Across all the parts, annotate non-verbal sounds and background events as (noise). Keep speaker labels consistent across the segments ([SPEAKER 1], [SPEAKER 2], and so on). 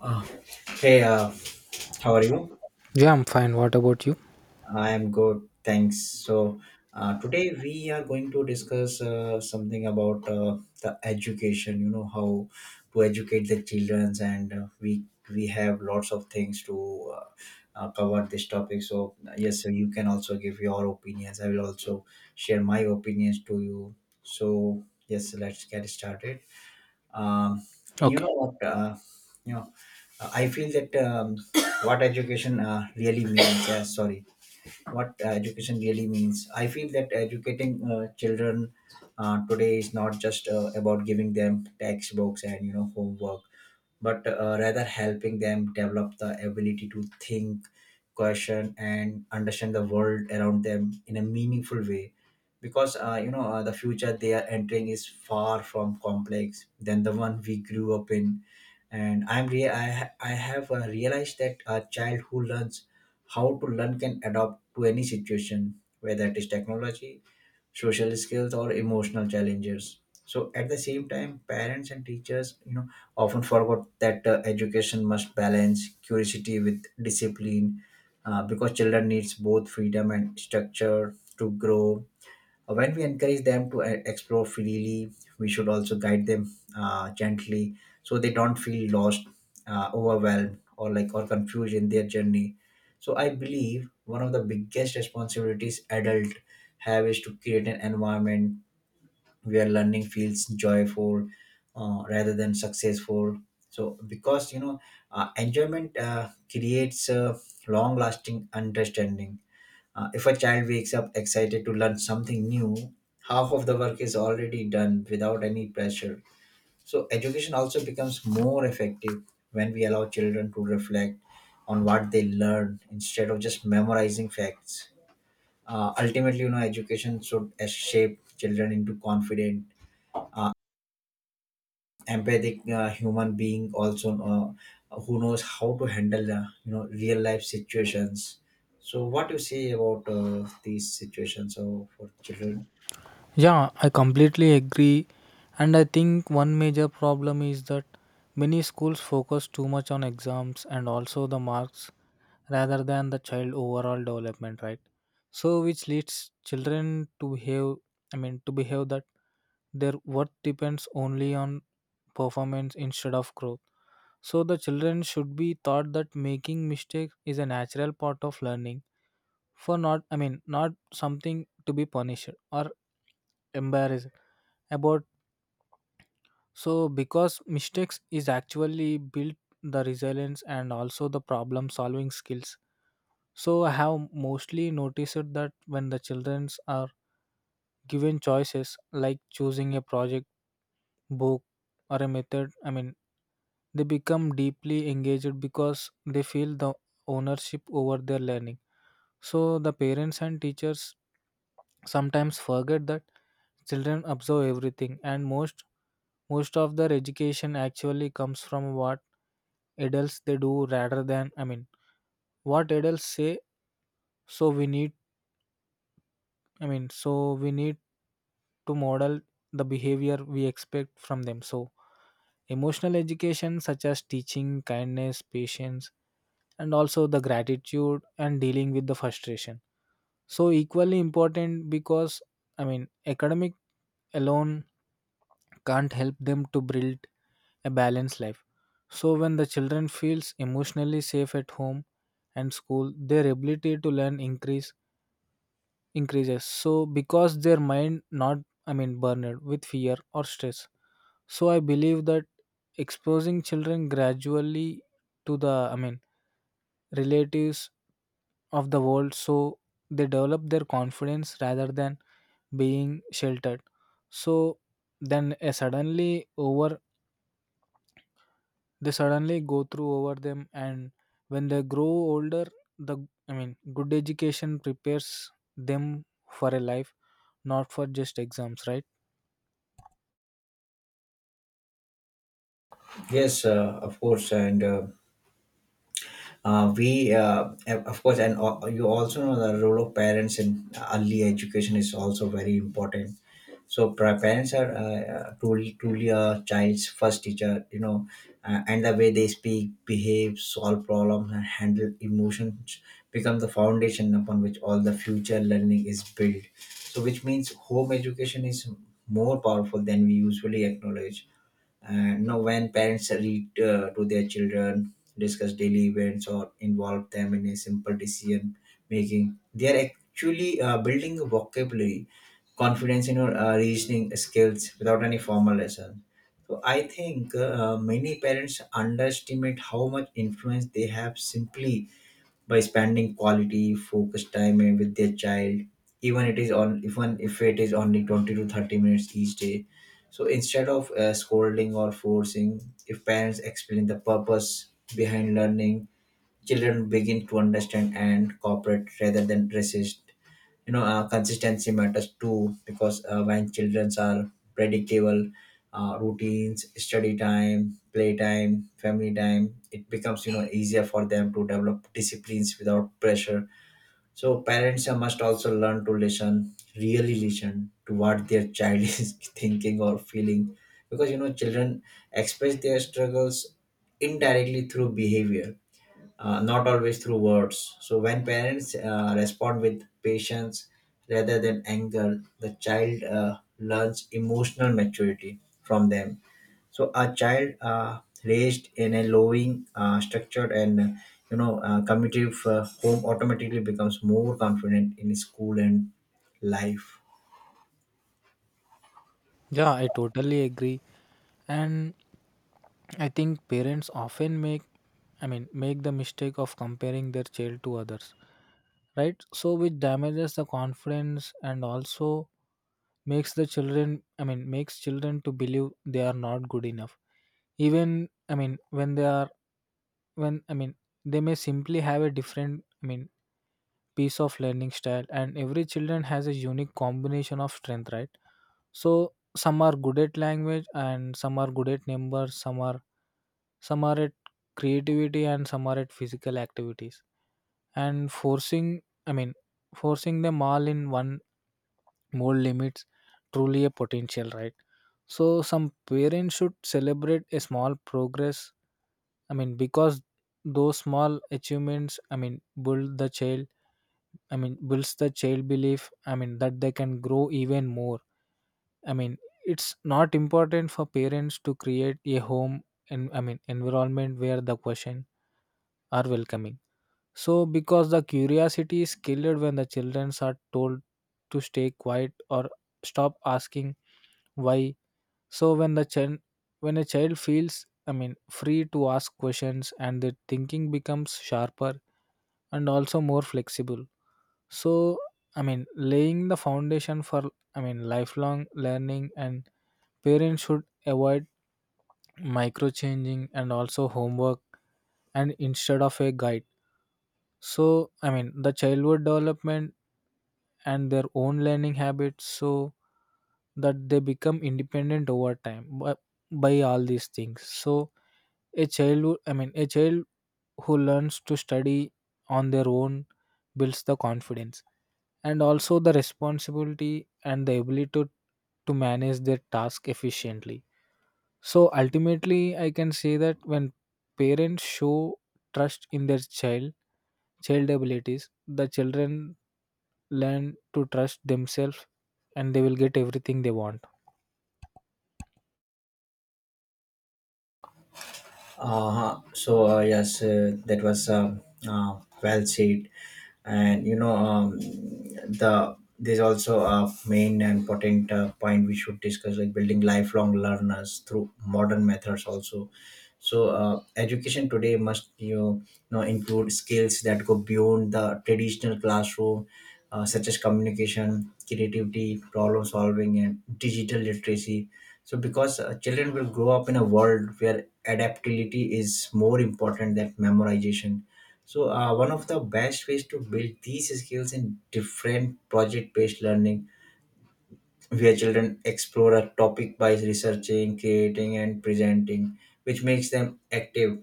[SPEAKER 1] Uh, hey, how are you?
[SPEAKER 2] Yeah, I'm fine. What about you?
[SPEAKER 1] I am good, thanks. So, today we are going to discuss something about the education. You know how to educate the childrens, and we have lots of things to uh, cover this topic. So, yes, so you can also give your opinions. I will also share my opinions to you. So, yes, let's get started. Um, and you
[SPEAKER 2] Okay.
[SPEAKER 1] know what? You know, I feel that what education really means, what education really means. I feel that educating children today is not just about giving them textbooks and you know homework but rather helping them develop the ability to think, question, and understand the world around them in a meaningful way. Because the future they are entering is far from complex than the one we grew up in, and I'm re- I, ha- I have realized that a child who learns how to learn can adapt to any situation, whether it is technology, social skills, or emotional challenges. So at the same time parents and teachers you know often forgot that education must balance curiosity with discipline because children needs both freedom and structure to grow. When we encourage them to explore freely, we should also guide them gently so they don't feel lost, overwhelmed, or confused in their journey. So I believe one of the biggest responsibilities adults have is to create an environment where learning feels joyful rather than successful. So because you know enjoyment creates a long-lasting understanding. If a child wakes up excited to learn something new, half of the work is already done without any pressure. So, education also becomes more effective when we allow children to reflect on what they learn instead of just memorizing facts. Ultimately, you know, education should shape children into confident, empathic human being also who knows how to handle you know real life situations. So, what do you say about these situations for children?
[SPEAKER 2] Yeah, I completely agree. And I think one major problem is that many schools focus too much on exams and also the marks rather than the child overall development, right? So which leads children to behave, I mean, to behave that their worth depends only on performance instead of growth. So the children should be taught that making mistakes is a natural part of learning for not, I mean, not something to be punished or embarrassed about. So because mistakes is actually built the resilience and also the problem solving skills. So I have mostly noticed that when the children are given choices like choosing a project, book, or a method, I mean, they become deeply engaged because they feel the ownership over their learning. So the parents and teachers sometimes forget that children observe everything, and most of their education actually comes from what adults they do rather than, I mean, what adults say. So we need, I mean, we need to model the behavior we expect from them. So emotional education such as teaching kindness, patience, and also the gratitude and dealing with the frustration so equally important. Because, I mean, academic alone can't help them to build a balanced life. So when the children feels emotionally safe at home and school, their ability to learn increases so because their mind not, I mean, burned with fear or stress. So I believe that exposing children gradually to the, I mean, relatives of the world, so they develop their confidence rather than being sheltered. So then a suddenly over they suddenly go through over them. And when they grow older the, I mean, good education prepares them for a life not for just exams, right?
[SPEAKER 1] Yes, of course, and we, of course, and you also know the role of parents in early education is also very important. So parents are truly a child's first teacher, you know, and the way they speak, behave, solve problems, and handle emotions become the foundation upon which all the future learning is built. So, which means home education is more powerful than we usually acknowledge. And you know when parents read to their children, discuss daily events, or involve them in a simple decision making, they are actually building a vocabulary, confidence in your reasoning skills without any formal lesson. So I think many parents underestimate how much influence they have simply by spending quality focused time with their child, even if it is only 20 to 30 minutes each day. So instead of scolding or forcing, if parents explain the purpose behind learning, children begin to understand and cooperate rather than resist. You know, consistency matters too because when children are predictable routines, study time, play time, family time, it becomes you know easier for them to develop disciplines without pressure. So parents must also learn to listen, really listen to what their child (laughs) is thinking or feeling, because you know children express their struggles indirectly through behavior, not always through words. So when parents respond with patience rather than anger, the child learns emotional maturity from them. So a child raised in a loving, structured, and you know committive home automatically becomes more confident in school and life.
[SPEAKER 2] Yeah, I totally agree. And I think parents often make, I mean, make the mistake of comparing their child to others, right? So which damages the confidence and also makes the children, I mean, makes children to believe they are not good enough. Even, I mean, when they are, when, I mean, they may simply have a different, I mean, piece of learning style. And every children has a unique combination of strength, right? So some are good at language, and some are good at numbers, some are, at creativity, and some are at physical activities. And forcing, I mean, forcing them all in one mold limits truly a potential, right? So some parents should celebrate a small progress. I mean, because those small achievements, I mean, build the child, I mean, builds the child belief, I mean, that they can grow even more. I mean, it's not important for parents to create a home and, I mean, environment where the question are welcoming. So because the curiosity is killed when the children are told to stay quiet or stop asking why. So when the when a child feels, I mean, free to ask questions, and their thinking becomes sharper and also more flexible. So, I mean, laying the foundation for, I mean, lifelong learning. And parents should avoid microchanging and also homework and instead of a guide. So, I mean, the childhood development and their own learning habits so that they become independent over time by all these things. So, a child, I mean, a child who learns to study on their own builds the confidence and also the responsibility and the ability to manage their task efficiently. So ultimately, I can say that when parents show trust in their child, child abilities, the children learn to trust themselves and they will get everything they want.
[SPEAKER 1] So yes, that was well said, and you know there's also a main and important point we should discuss, like building lifelong learners through modern methods also. So education today must you know include skills that go beyond the traditional classroom, such as communication, creativity, problem solving, and digital literacy. So because children will grow up in a world where adaptability is more important than memorization. So one of the best ways to build these skills in different project based learning, where children explore a topic by researching, creating, and presenting, which makes them active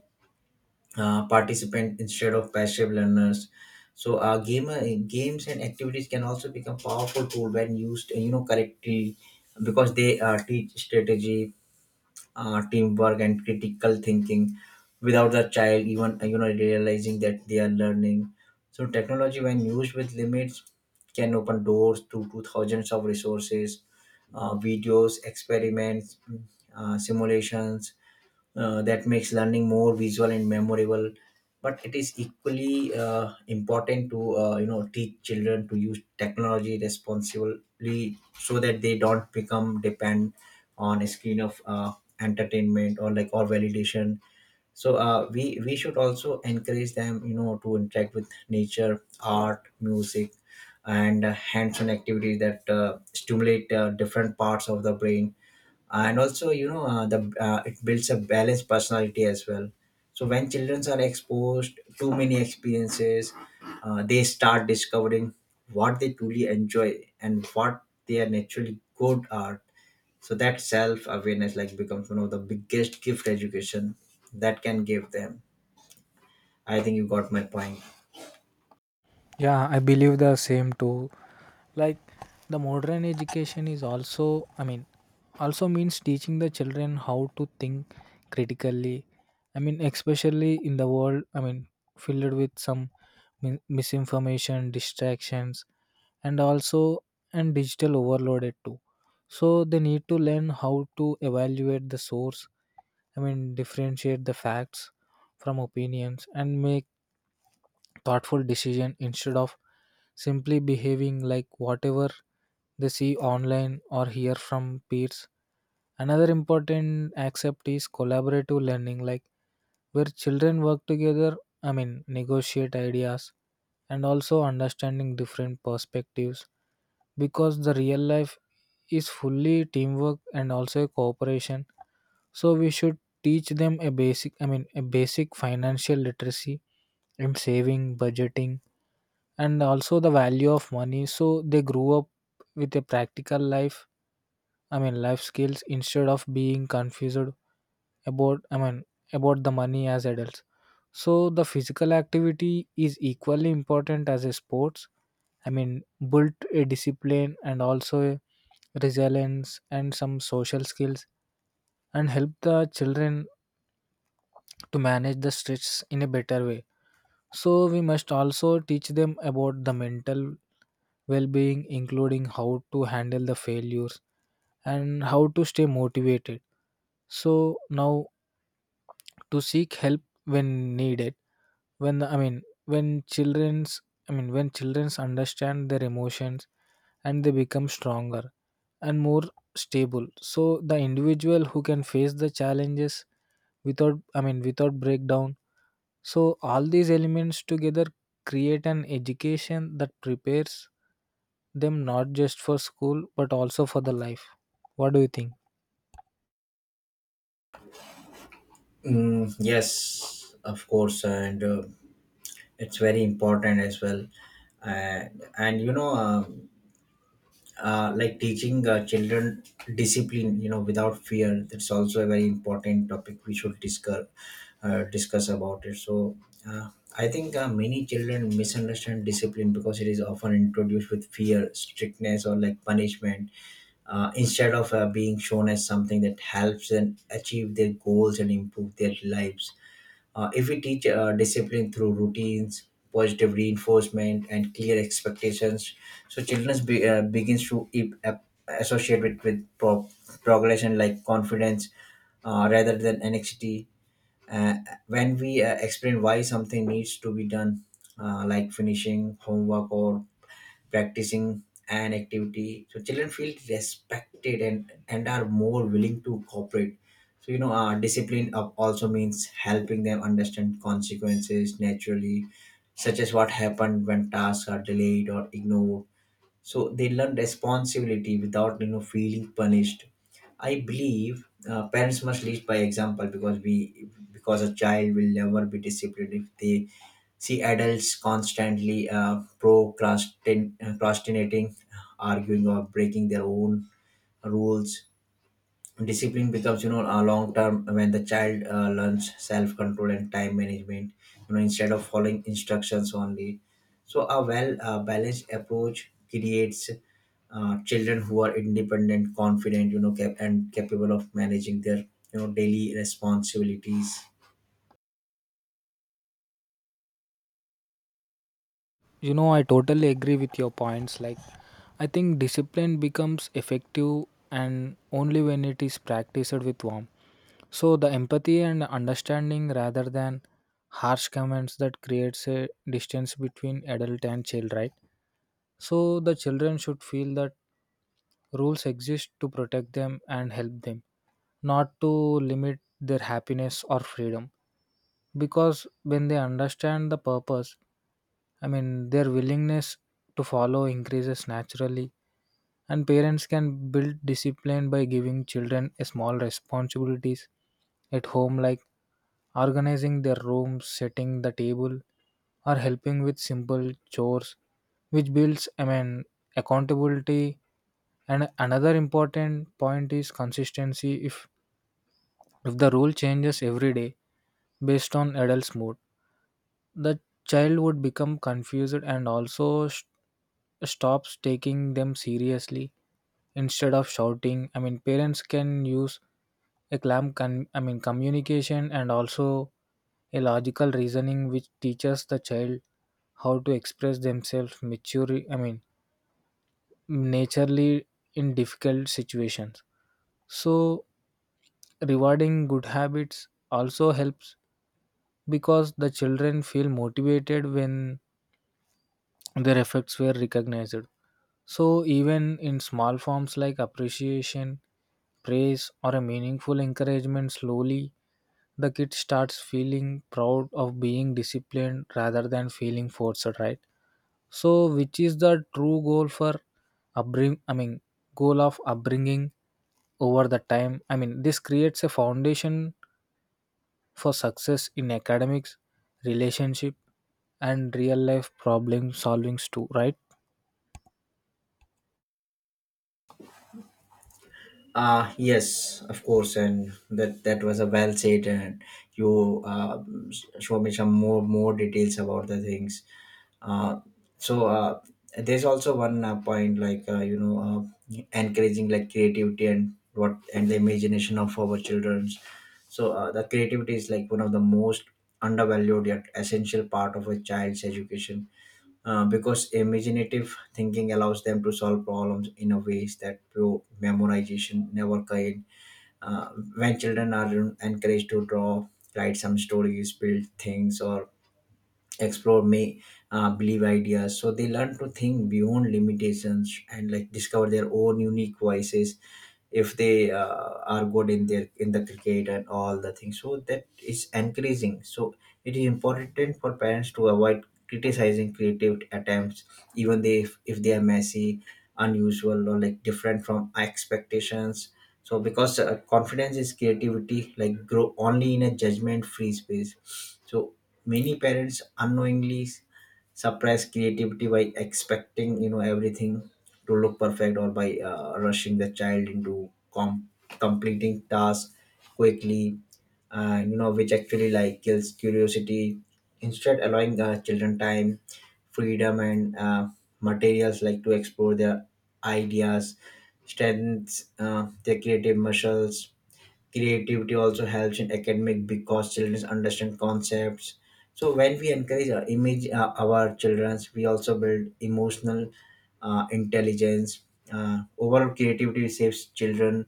[SPEAKER 1] participant instead of passive learners. So gamer games and activities can also become powerful tool when used you know correctly, because they teach strategy, teamwork, and critical thinking without the child even you know realizing that they are learning. So technology, when used with limits, can open doors to thousands of resources, videos, experiments, simulations, that makes learning more visual and memorable. But it is equally important to you know teach children to use technology responsibly so that they don't become depend on a screen of entertainment or validation. So we should also encourage them you know to interact with nature, art, music, and hands-on activities that stimulate different parts of the brain, and also you know the it builds a balanced personality as well. So when children are exposed to many experiences, they start discovering what they truly enjoy and what they are naturally good at. So that self awareness like becomes one of the biggest gift education that can give them. I think you got my point.
[SPEAKER 2] Yeah, I believe the same too. Like, the modern education is also, I mean, also means teaching the children how to think critically. I mean, especially in the world, I mean, filled with some misinformation, distractions, and also and digital overloaded too. So they need to learn how to evaluate the source. I mean, differentiate the facts from opinions and make thoughtful decision instead of simply behaving like whatever they see online or hear from peers. Another important aspect is collaborative learning, like where children work together, I mean, negotiate ideas and also understanding different perspectives, because the real life is fully teamwork and also cooperation. So we should teach them a basic, I mean, a basic financial literacy and saving, budgeting, and also the value of money. So they grew up with a practical life, I mean, life skills instead of being confused about, I mean, about the money as adults. So the physical activity is equally important as a sports. I mean, built a discipline and also a resilience and some social skills and help the children to manage the stress in a better way. So we must also teach them about the mental well being, including how to handle the failures and how to stay motivated. So now to seek help when needed, when I mean, when children's I mean when children's understand their emotions and they become stronger and more stable. So the individual who can face the challenges without, I mean, without breakdown. So all these elements together create an education that prepares them not just for school but also for the life. What do you think?
[SPEAKER 1] Mm, yes, of course, and it's very important as well. And you know, like teaching children discipline you know without fear, that's also a very important topic we should discuss about it. So uh, I think many children misunderstand discipline because it is often introduced with fear, strictness, or like punishment, instead of being shown as something that helps them achieve their goals and improve their lives. If we teach discipline through routines, positive reinforcement, and clear expectations, so children be, begins to e- ap- associate with pro- progression like confidence rather than anxiety. Uh, when we explain why something needs to be done, like finishing homework or practicing an activity, so children feel respected and are more willing to cooperate. So you know discipline up also means helping them understand consequences naturally, such as what happened when tasks are delayed or ignored, so they learn responsibility without you know feeling punished. I believe parents must lead by example, because a child will never be disciplined if they see adults constantly procrastinating, arguing, or breaking their own rules. Discipline becomes, you know, a long term when the child learns self control and time management, you know, instead of following instructions only. So a well balanced approach creates children who are independent, confident, you know, and capable of managing their you know daily responsibilities.
[SPEAKER 2] You know, I totally agree with your points. Like, I think discipline becomes effective and only when it is practiced with warmth. So the empathy and understanding rather than harsh comments that creates a distance between adult and child, right? So the children should feel that rules exist to protect them and help them, not to limit their happiness or freedom. Because when they understand the purpose, I mean, their willingness to follow increases naturally. And parents can build discipline by giving children a small responsibilities at home, like organizing their rooms, setting the table, or helping with simple chores, which builds, I mean, accountability. And another important point is consistency. If the rule changes every day based on adult's mood, the child would become confused and also stops taking them seriously. Instead of shouting, I mean, parents can use a clam I mean communication and also a logical reasoning which teaches the child how to express themselves maturely, I mean, naturally in difficult situations. So rewarding good habits also helps because the children feel motivated when their efforts were recognized. So even in small forms like appreciation, praise, or a meaningful encouragement, slowly the kid starts feeling proud of being disciplined rather than feeling forced, right? So which is the true goal for upbring? I mean, goal of upbringing over the time. I mean, this creates a foundation for success in academics, relationship, and real life problem solvings too, right?
[SPEAKER 1] Yes, of course, and that was a well said, and you show me some more details about the things. Uh, so there's also one point like you know encouraging like creativity and the imagination of our children. So the creativity is like one of the most undervalued yet essential part of a child's education, because imaginative thinking allows them to solve problems in a ways that pure memorization never can. Uh, when children are encouraged to draw, write some stories, build things, or explore may believe ideas, so they learn to think beyond limitations and like discover their own unique voices. If they are good in their in the cricket and all the things, so that is encouraging. So it is important for parents to avoid criticizing creative attempts, even they if they are messy, unusual, or like different from expectations, so because confidence is creativity like grow only in a judgment free space. So many parents unknowingly suppress creativity by expecting you know everything to look perfect or by rushing the child into completing tasks quickly, you know, which actually like kills curiosity. Instead allowing children time, freedom, and materials like to explore their ideas strengthens their creative muscles. Creativity also helps in academic because children understand concepts. So when we encourage our image our children's, we also build emotional intelligence. Overall creativity saves children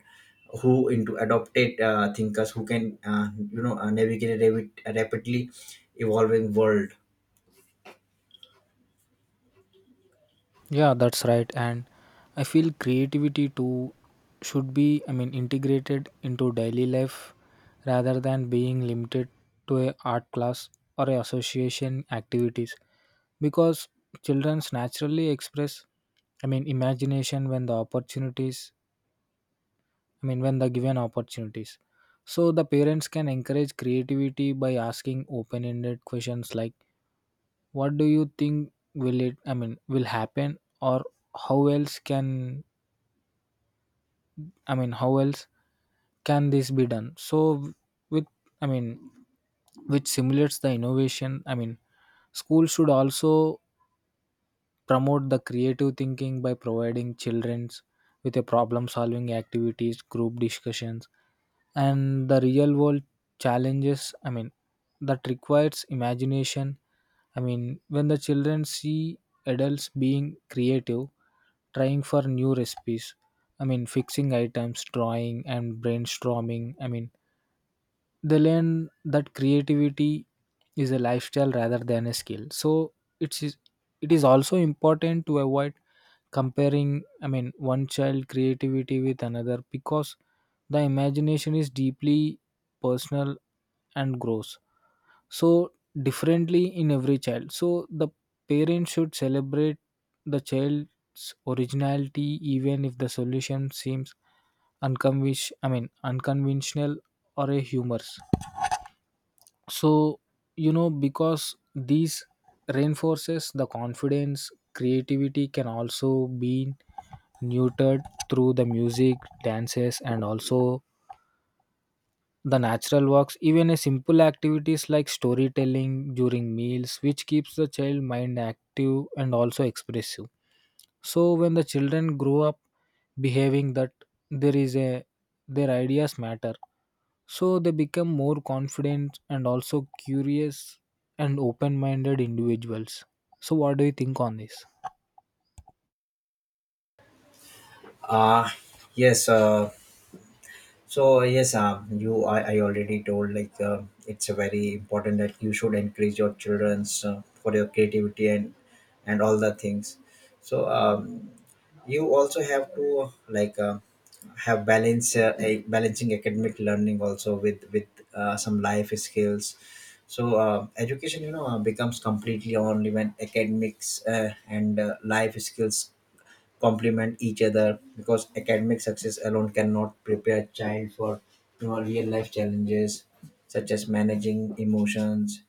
[SPEAKER 1] who into adopted thinkers who can you know navigate a rapidly evolving world.
[SPEAKER 2] Yeah, that's right. And I feel creativity too should be, I mean, integrated into daily life rather than being limited to a art class or a association activities because children naturally express, I mean, imagination when the opportunities, I mean, when the given opportunities. So the parents can encourage creativity by asking open-ended questions like, "What do you think will it? I mean, will happen, or how else can? I mean, how else can this be done?" So with, I mean, which simulates the innovation. I mean, schools should also promote the creative thinking by providing childrens with a problem-solving activities, group discussions, and the real world challenges, I mean, that requires imagination. I mean, when the children see adults being creative, trying for new recipes, I mean, fixing items, drawing, and brainstorming, I mean, they learn that creativity is a lifestyle rather than a skill. So it is it is also important to avoid comparing, I mean, one child creativity with another because the imagination is deeply personal and grows so differently in every child. So the parent should celebrate the child's originality even if the solution seems unconvish I mean unconventional or a humorous. So you know because these reinforces the confidence. Creativity can also be neutered through the music, dances, and also the natural walks, even a simple activities like storytelling during meals, which keeps the child mind active and also expressive. So when the children grow up behaving that there is a their ideas matter. So they become more confident and also curious and open minded individuals. So what do you think on this?
[SPEAKER 1] Uh yes So yes, you I already told like it's a very important that you should encourage your childrens for their creativity and all the things. So you also have to like have balance a balancing academic learning also with some life skills. So education becomes completely only when academics and life skills complement each other, because academic success alone cannot prepare a child for real life challenges such as managing emotions,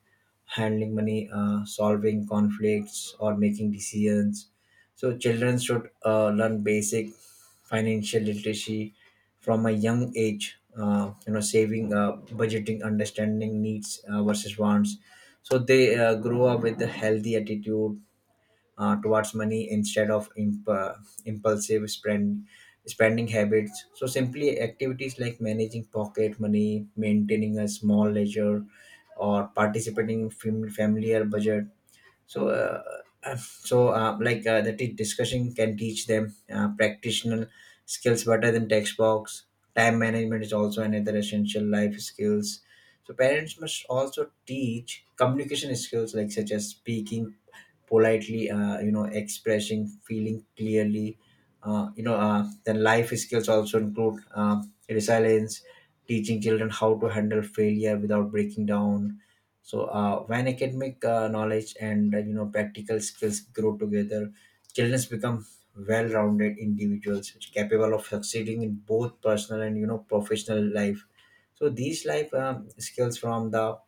[SPEAKER 1] handling money, solving conflicts, or making decisions. So children should learn basic financial literacy from a young age, saving, budgeting, understanding needs versus wants. So they grow up with a healthy attitude towards money instead of impulsive spending habits. So, simply activities like managing pocket money, maintaining a small ledger, or participating in familiar budget. So uh, uh, so uh, like discussion can teach them practitioner skills better than textbooks. Time management is also another essential life skills. So parents must also teach communication skills, like such as speaking politely, expressing feeling clearly. Then life skills also include resilience, teaching children how to handle failure without breaking down. So when academic knowledge and practical skills grow together, children become well-rounded individuals which are capable of succeeding in both personal and professional life. So these life skills from the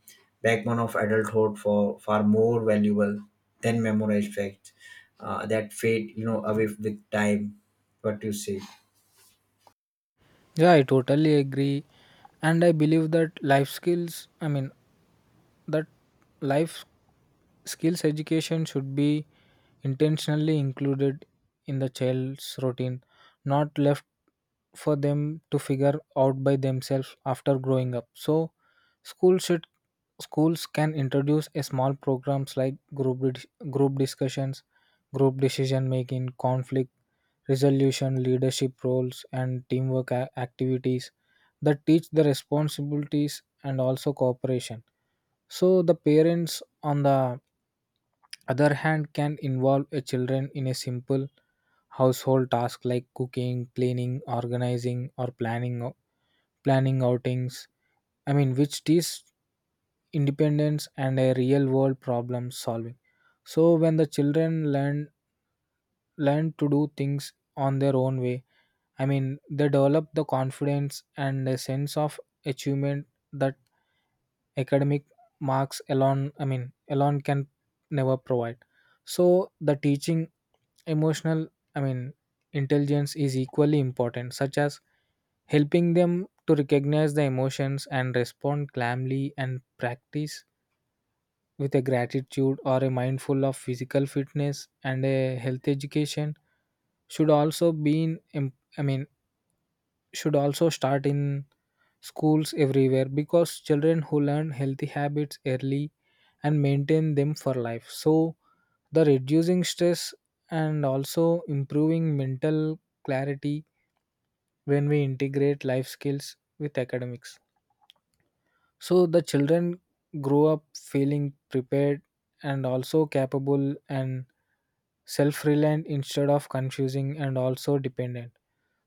[SPEAKER 1] backbone of adulthood for far more valuable than memorized facts that fade away with time. What do you say?
[SPEAKER 2] Yeah, I totally agree. And I believe that life skills, I mean, that life skills education should be intentionally included in the child's routine, not left for them to figure out by themselves after growing up. So schools should schools can introduce a small programs like group discussions, group decision making, conflict resolution, leadership roles, and teamwork activities that teach the responsibilities and also cooperation. So the parents on the other hand can involve a children in a simple household task like cooking, cleaning, organizing, or planning outings, I mean, which teaches independence and a real world problem solving. So when the children learn to do things on their own way, I mean, they develop the confidence and a sense of achievement that academic marks alone, I mean, alone can never provide. So the teaching emotional, I mean, intelligence is equally important such as helping them to recognize the emotions and respond calmly and practice with a gratitude or a mindful of physical fitness. And a health education should also be in im- I mean should also start in schools everywhere because children who learn healthy habits early and maintain them for life, so the reducing stress and also improving mental clarity. When we integrate life skills with academics, so the children grow up feeling prepared and also capable and self reliant instead of confusing and also dependent.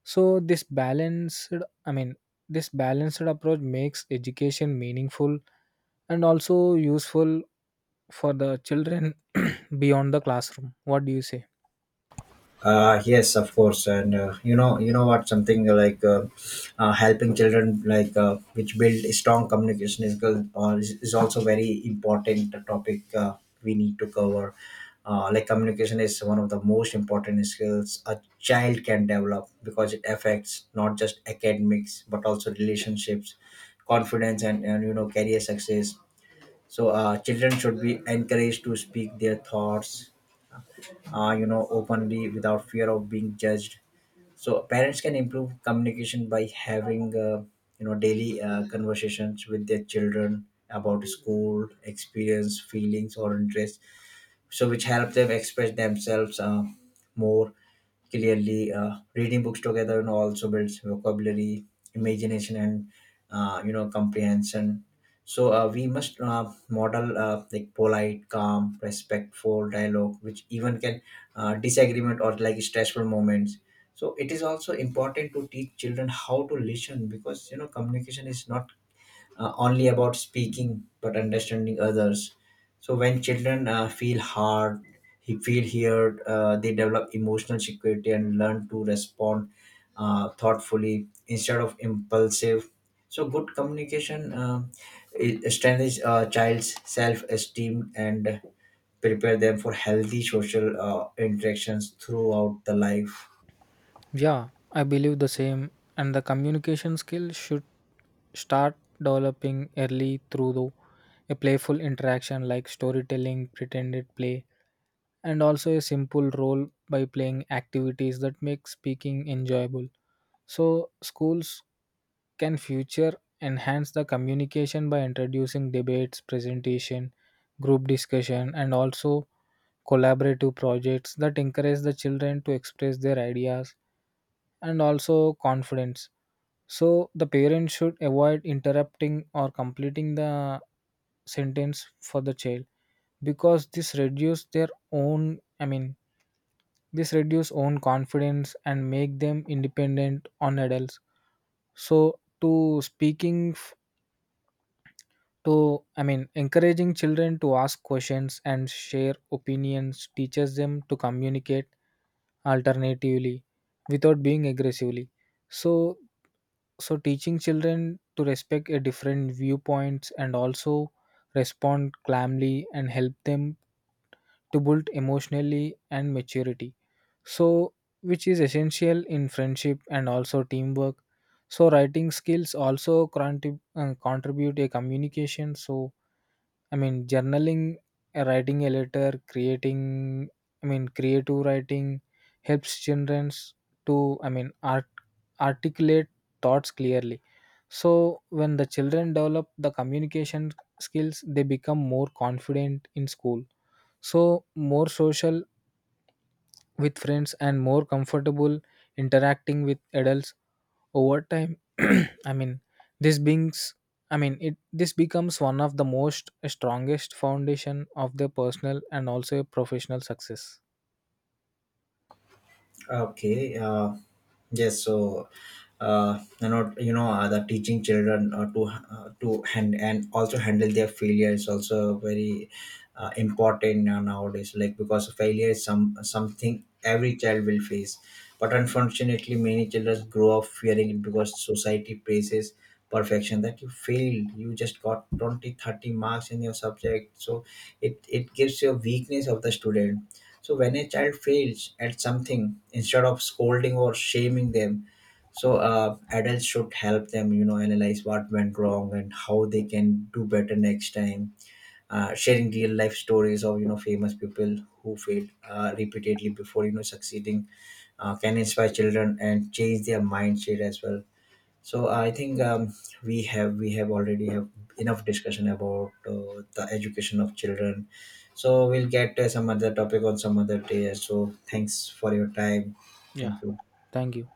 [SPEAKER 2] So this balanced, I mean, this balanced approach makes education meaningful and also useful for the children (clears throat) beyond the classroom. What do you say?
[SPEAKER 1] Yes of course. And you know what something like helping children, like which build strong communication skills good, is also very important topic we need to cover. Like communication is one of the most important skills a child can develop, because it affects not just academics but also relationships, confidence, and career success. So children should be encouraged to speak their thoughts openly without fear of being judged. So parents can improve communication by having daily conversations with their children about school experience, feelings, or interests. So which help them express themselves more clearly. Reading books together also builds vocabulary, imagination, and comprehension. So we must model like polite, calm, respectful dialogue which even can disagreement or like stressful moments. So it is also important to teach children how to listen, because communication is not only about speaking but understanding others. So when children he feel heard, they develop emotional security and learn to respond thoughtfully instead of impulsive. So good communication, it strengthens a child's self-esteem and prepare them for healthy social interactions throughout the life.
[SPEAKER 2] Yeah, I believe the same. And the communication skill should start developing early through the, a playful interaction like storytelling, pretended play, and also a simple role by playing activities that make speaking enjoyable. So schools can future enhance the communication by introducing debates, presentation, group discussion, and also collaborative projects that encourage the children to express their ideas and also confidence. So the parents should avoid interrupting or completing the sentence for the child because this reduces their own, I mean, this reduce own confidence and make them independent on adults. So to I mean encouraging children to ask questions and share opinions teaches them to communicate alternatively without being aggressively. So so teaching children to respect a different viewpoints and also respond calmly and help them to build emotionally and maturity, so which is essential in friendship and also teamwork. So writing skills also contribute a communication. So, I mean, journaling, writing a letter, creating, I mean, creative writing, helps children to, I mean, articulate thoughts clearly. So when the children develop the communication skills they become more confident in school, so more social with friends and more comfortable interacting with adults over time (clears throat) I mean, this beings, I mean, it this becomes one of the most strongest foundation of their personal and also professional success.
[SPEAKER 1] Okay. Yes, so the teaching children to hand and also handle their failure is also very important nowadays. Like, because failure is something every child will face, but unfortunately, many children grow up fearing it because society praises perfection. That you failed, you just got 20-30 marks in your subject, so it gives you a weakness of the student. So when a child fails at something, instead of scolding or shaming them, so adults should help them analyze what went wrong and how they can do better next time. Sharing real life stories of famous people who failed repeatedly before succeeding can inspire children and change their mindset as well. So I think, we have already have enough discussion about the education of children. So we'll get some other topic on some other day. So thanks for your time.
[SPEAKER 2] Yeah,
[SPEAKER 1] Thank you.
[SPEAKER 2] thank you.